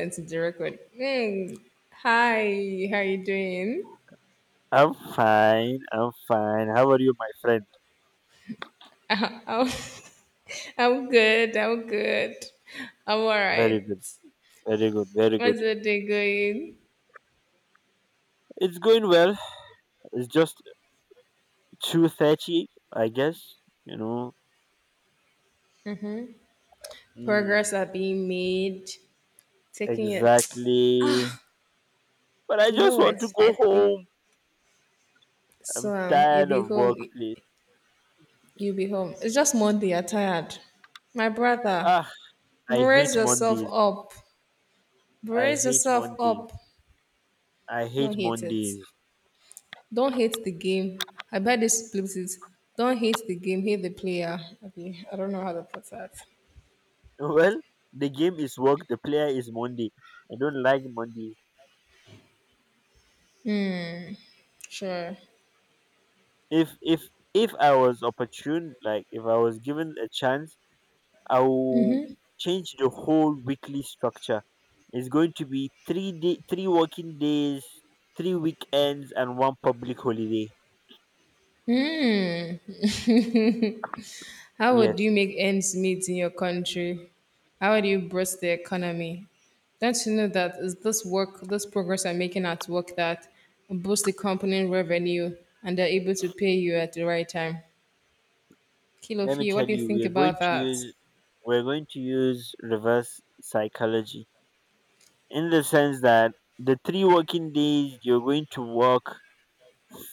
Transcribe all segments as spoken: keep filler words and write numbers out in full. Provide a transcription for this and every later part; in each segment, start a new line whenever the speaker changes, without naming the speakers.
It's the record. Mm. Hi, how you doing?
I'm fine. I'm fine. How are you, my friend?
I'm, I'm good. I'm good. I'm all
Very
right.
good. Very good. Very
How's
good.
the day going?
It's going well. It's just two thirty, I guess. You know. Mm,
Progress are being made. Taking it.
exactly. But I
You know
just want
what?
to go
I think
home. I'm
so. Um, you'll
tired
be
of
home.
workplace.
You'll be home. It's just Monday. You're tired. My brother,
Ah, I
brace
hate
yourself
Mondays.
up.
I
Brace
hate
yourself
Mondays.
up.
I hate
Don't hate it.
Mondays.
Don't hate the game. I bet they split it. Don't hate the game, hate the player. Okay, I don't know how to put that.
Well, the game is work. The player is Monday. I don't like Mondays.
Sure.
If if if I was opportune, like if I was given a chance. I will change the whole weekly structure. It's going to be three day, three working days, three weekends, and one public holiday.
How would
Yes,
you make ends meet in your country? How would you boost the economy? Don't you know that is this work, this progress I'm making at work that boosts the company revenue and they're able to pay you at the right time?
let me
Kilofie,
tell
what do you
you, we
think
are going
about
to
that?
use we're going to use reverse psychology in the sense that the three working days you're going to work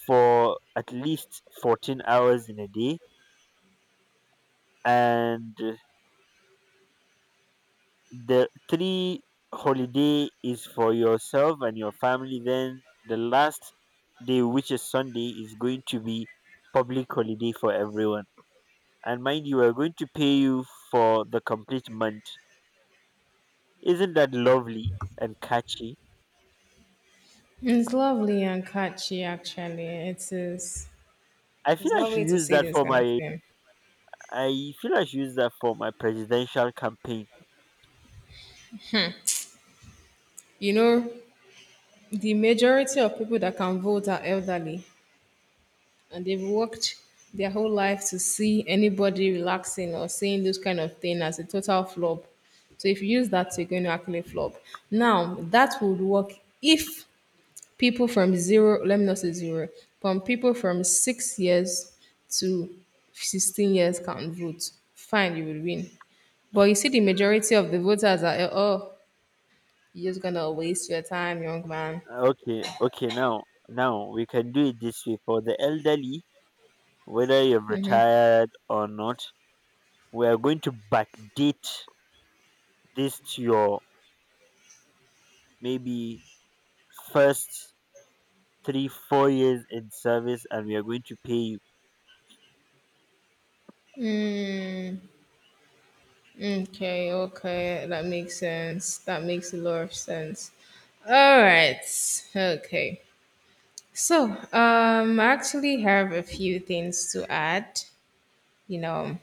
for at least fourteen hours in a day, and the three holiday is for yourself and your family. Then the last day, which is sunday, is going to be public holiday for everyone. And mind you, are going to pay you for the complete month. Isn't that lovely and catchy?
It's lovely and catchy, actually. It is.
i feel
It's
i should
lovely to
use
see
that
this
for
kind of
my
thing.
I feel I should use that for my presidential campaign.
You know, the majority of people that can vote are elderly and they've worked their whole life to see anybody relaxing or saying those kind of thing as a total flop. So if you use that, you're going to actually flop. Now, that would work if people from zero, let me not say zero, from people from six years to sixteen years can vote. Fine, you will win. But you see, the majority of the voters are, oh, you're just going to waste your time, young man.
Okay, okay, now now we can do it this way for the elderly, whether you're retired or not. We are going to backdate this to your maybe first three, four years in service, and we are going to pay you.
Okay, okay, that makes sense. That makes a lot of sense. All right, okay. So, um, I actually have a few things to add. You know,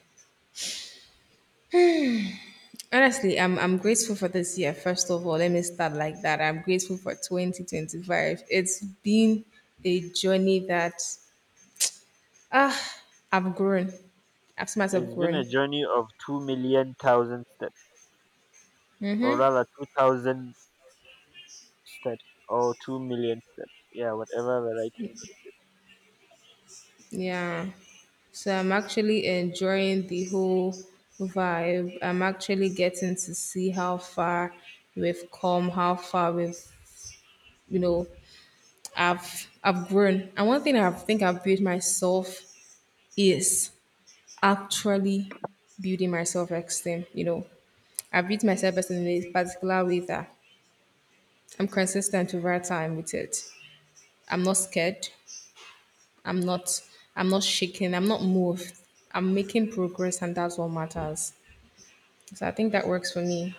honestly, I'm I'm grateful for this year. First of all, let me start like that. I'm grateful for twenty twenty-five. It's been a journey that ah, I've grown. I've seen
It's
myself
been a
grown.
journey of two million thousand steps, or rather two thousand steps or two million steps. Yeah, whatever the right English.
Yeah. So I'm actually enjoying the whole vibe. I'm actually getting to see how far we've come, how far we've, you know, I've I've grown. And one thing I think I've built myself is actually building my self-esteem, you know. I beat myself best in a particular way that I'm consistent over time with it. I'm not scared. I'm not I'm not shaking. I'm not moved. I'm making progress and that's what matters. So I think that works for me,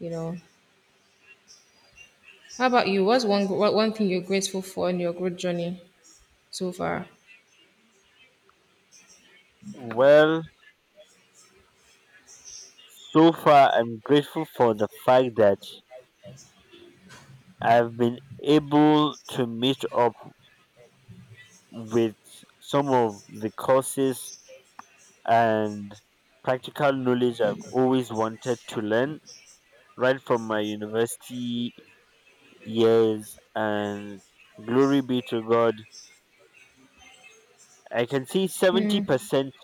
you know. How about you? What's one gr- what one thing you're grateful for in your growth journey so far?
Well, so far I'm grateful for the fact that I've been able to meet up with some of the courses and practical knowledge I've always wanted to learn right from my university years. And glory be to God, I can see seventy percent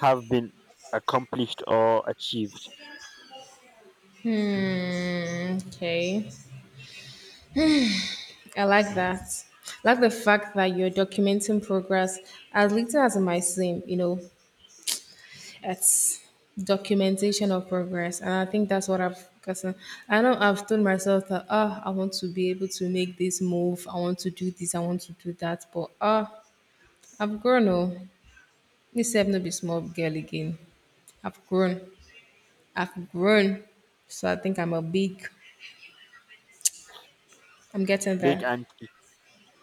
have been accomplished or achieved.
Hmm, okay. I like that. I like the fact that you're documenting progress as little as it might seem, you know, it's documentation of progress. And I think that's what I've gotten. I know I've told myself that, Ah, I want to be able to make this move. I want to do this. I want to do that. But ah, I've grown. Oh, this have not be small girl again. I've grown. I've grown. So I think I'm a big, I'm getting
Big
there.
anti,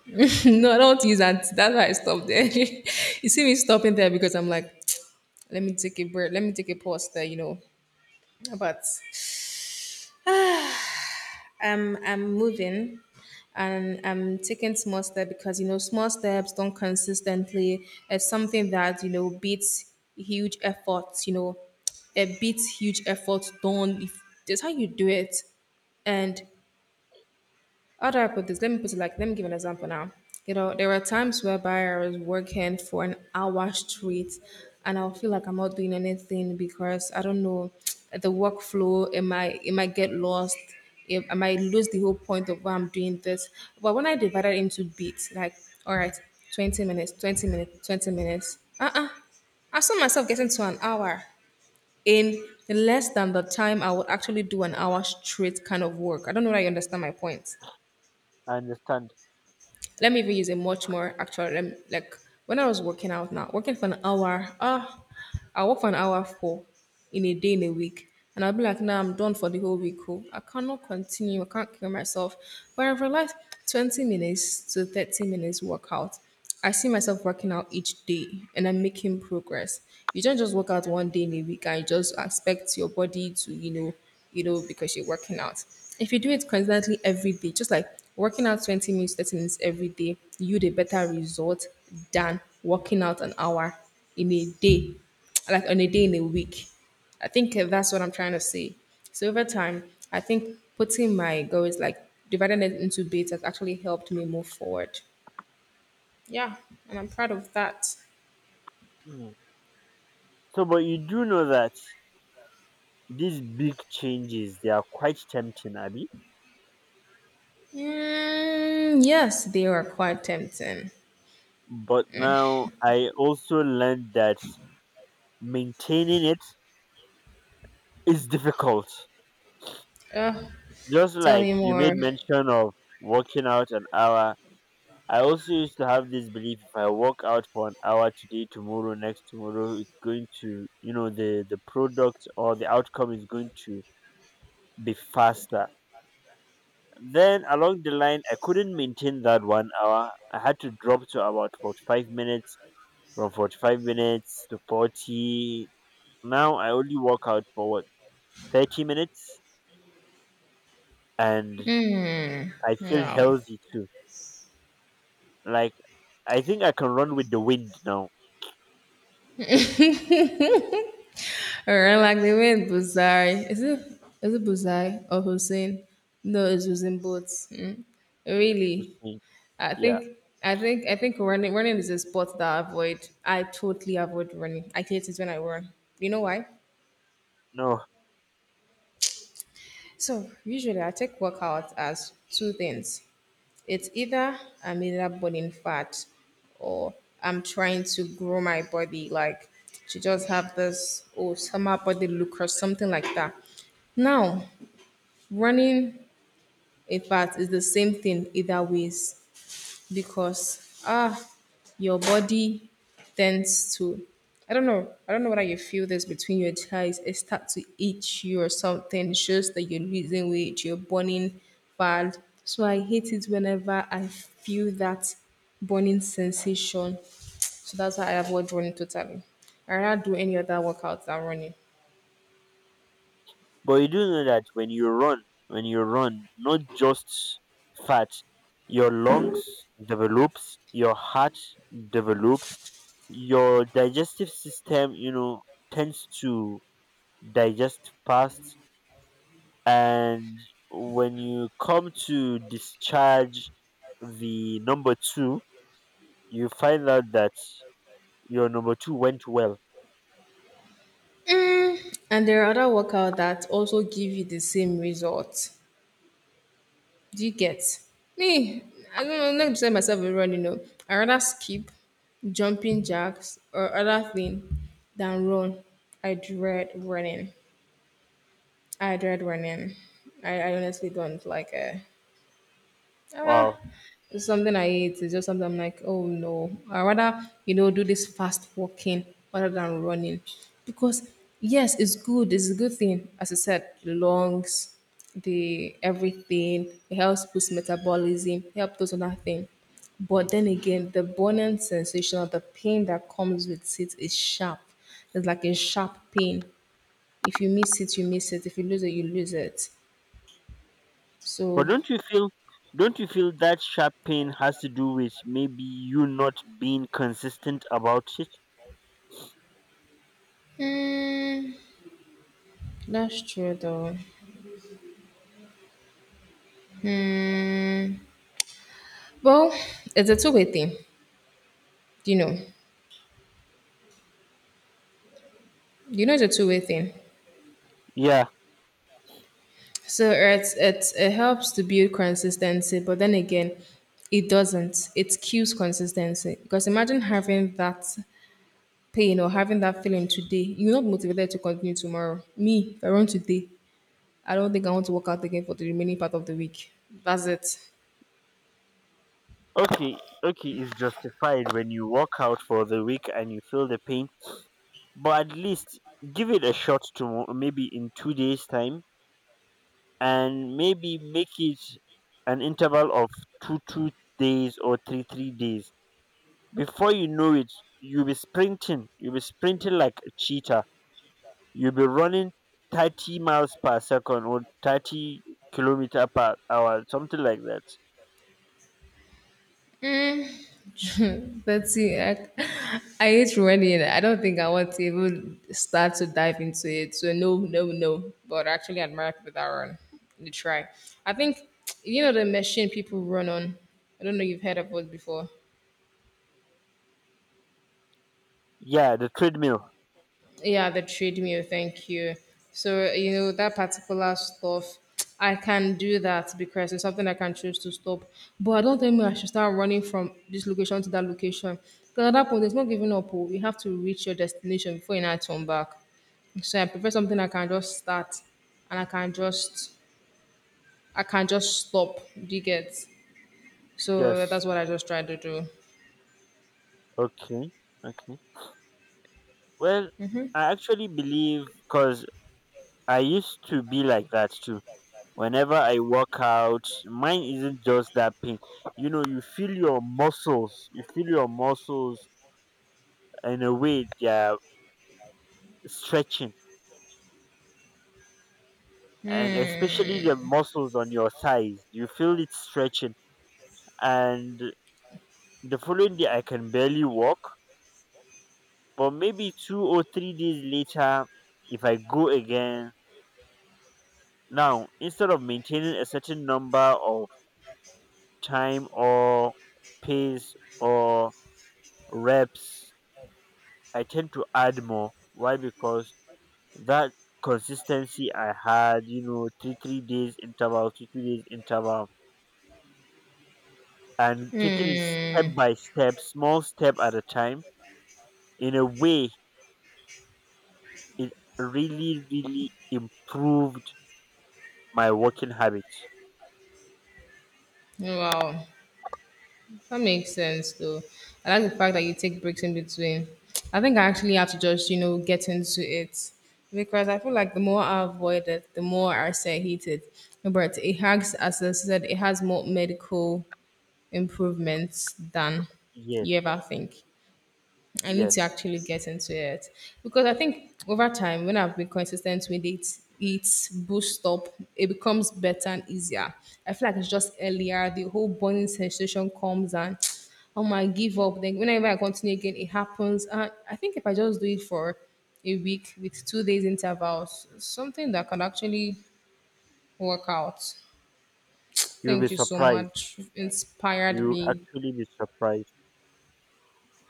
No, I don't want to use that. That's why I stopped there. You see me stopping there because I'm like, let me take a break, let me take a pause there, you know. But um, I'm moving and I'm taking small steps because, you know, small steps done consistently is something that, you know, beats huge efforts, you know, it beats huge effort done. If, that's how you do it. And how do I put this? Let me put it like, let me give an example now. You know, there were times whereby I was working for an hour straight and I'll feel like I'm not doing anything because I don't know the workflow, it might it might get lost. It, I might lose the whole point of why I'm doing this. But when I divide it into beats, like, all right, twenty minutes, twenty minutes, twenty minutes, uh-uh. I saw myself getting to an hour in less than the time I would actually do an hour straight kind of work. I don't know that you understand my point.
I understand.
Let me even use a much more actual lem- like when I was working out now, working for an hour, ah, I work for an hour for in a day in a week. And I'll be like, nah, I'm done for the whole week. Oh, I cannot continue. I can't kill myself. But I've realized twenty minutes to thirty minutes workout. I see myself working out each day and I'm making progress. You don't just work out one day in a week and you just expect your body to, you know, you know, because you're working out. If you do it constantly every day, just like working out twenty minutes, thirty minutes every day, you'd a better result than working out an hour in a day, like on a day in a week. I think uh, that's what I'm trying to say. So over time, I think putting my goals like dividing it into bits has actually helped me move forward. Yeah, and I'm proud of that.
Mm. So, but you do know that these big changes they are quite tempting, Abby.
Mm, yes, they are quite tempting.
But now I also learned that maintaining it is difficult.
Uh,
Just
Tell
like
me
you made
more.
mention of working out an hour, I also used to have this belief: if I work out for an hour today, tomorrow, next tomorrow, it's going to, you know, the, the product or the outcome is going to be faster. Then along the line, I couldn't maintain that one hour. I had to drop to about forty-five minutes, from forty-five minutes to forty. Now I only work out for what, thirty minutes? And I feel
No.
healthy too. Like, I think I can run with the wind now.
Alright, like they went Buzari. Is it is it Buzari or Hussein? No, it's Hussein Boats. Mm.
Yeah. You
Really,
see?
I
Yeah.
think I think I think running running is a sport that I avoid. I totally avoid running. I hate it when I run. You know why?
No.
So usually I take workout as two things. It's either I'm either burning fat or I'm trying to grow my body like to just have this oh summer body look or something like that. Now, running a fast is the same thing either ways because ah your body tends to I don't know. I don't know whether you feel this between your thighs. It starts to itch you or something. It shows that you're losing weight, you're burning bad. So I hate it whenever I feel that burning sensation. So that's why I avoid running totally. I rather do any other workout than running.
But you do know that when you run, when you run, not just fat, your lungs develops, your heart develops, your digestive system, you know, tends to digest fast, and when you come to discharge the number two, you find out that your number two went well.
Mm, and there are other workouts that also give you the same result. Do you get? Me, I don't know, I'm not decide myself a run, you know. I rather skip jumping jacks or other thing than run. I dread running. I dread running. I, I honestly don't like it. Ah,
Wow.
it's something I hate. It's just something I'm like, oh no. I rather, you know, do this fast walking rather than running. Because yes, it's good, it's a good thing. As I said, the lungs, the everything, it helps boost metabolism, help those other things. But then again, the burning sensation or the pain that comes with it is sharp. It's like a sharp pain. If you miss it, you miss it. If you lose it, you lose it.
But
So,
don't you feel don't you feel that sharp pain has to do with maybe you not being consistent about it?
hmm, that's true though. Well, it's a two-way thing, you know. You know, it's a two-way thing.
Yeah.
So it's, it's it helps to build consistency, but then again, it doesn't. It kills consistency because imagine having that pain or having that feeling today. You're not motivated to continue tomorrow. Me, if I run today, I don't think I want to work out again for the remaining part of the week. That's it.
Okay, okay, it's justified when you walk out for the week and you feel the pain, but at least give it a shot to maybe in two days time, and maybe make it an interval of two two days or three three days. Before you know it, you'll be sprinting, you'll be sprinting like a cheetah. You'll be running thirty miles per second or thirty kilometer per hour, something like that.
That's it. I, I hate running. I don't think I want to even start to dive into it. So no, no, no. But I actually admire people that run. You try. I think you know the machine people run on. I don't know if you've heard of it before.
Yeah, the treadmill.
Yeah, the treadmill. Thank you. So you know that particular stuff, I can do that because it's something I can choose to stop. But I don't think I should start running from this location to that location. Because at that point, there's no giving up. Oh. You have to reach your destination before you now turn back. So I prefer something I can just start, and I can just I can just stop. Do you get? So
Yes.
that's what I just try to do.
Okay. Okay. Well, I actually believe, because I used to be like that too. Whenever I work out, mine isn't just that pain. You know, you feel your muscles, you feel your muscles in a way they are stretching, and especially the
Hmm.
muscles on your thighs. You feel it stretching, and the following day, I can barely walk, but maybe two or three days later, if I go again, now instead of maintaining a certain number of time or pace or reps, I tend to add more. Why? Because that consistency I had, you know, three three days interval, two two days interval, and taking it step
Hmm.
by step, small step at a time, in a way, it really really improved my working habits.
Wow. That makes sense, though. I like the fact that you take breaks in between. I think I actually have to just, you know, get into it because I feel like the more I avoid it, the more I say I hate it. But it has, as I said, it has more medical improvements than
Yes,
you ever think. I need
yes.
to actually get into it because I think over time, when I've been consistent with it, it's boost up. It becomes better and easier. I feel like it's just earlier. The whole burning sensation comes and oh my, give up. Then whenever I continue again, it happens. And I think if I just do it for a week with two days intervals, something that can actually work out.
You'll be
Thank you so
surprised.
much. You've inspired
You
me.
actually be surprised.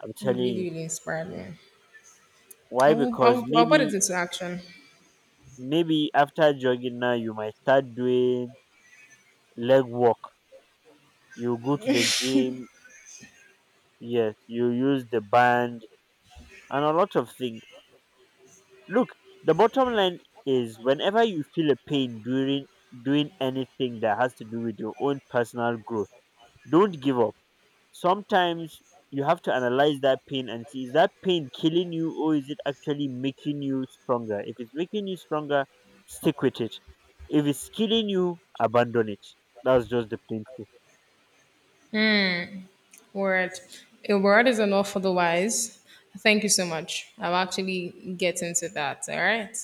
I'm
You
telling you.
really, really inspired me.
Why?
I will, I
Because
will, I'll put it
maybe
into action.
maybe after jogging now you might start doing leg work. You go to the gym, yes, you use the band and a lot of things. Look, the bottom line is whenever you feel a pain during doing anything that has to do with your own personal growth, don't give up. Sometimes you have to analyze that pain and see: is that pain killing you, or is it actually making you stronger? If it's making you stronger, stick with it. If it's killing you, abandon it. That's just the plain truth.
Word. A word is enough for the wise. Thank you so much. I'll actually get into that. All right.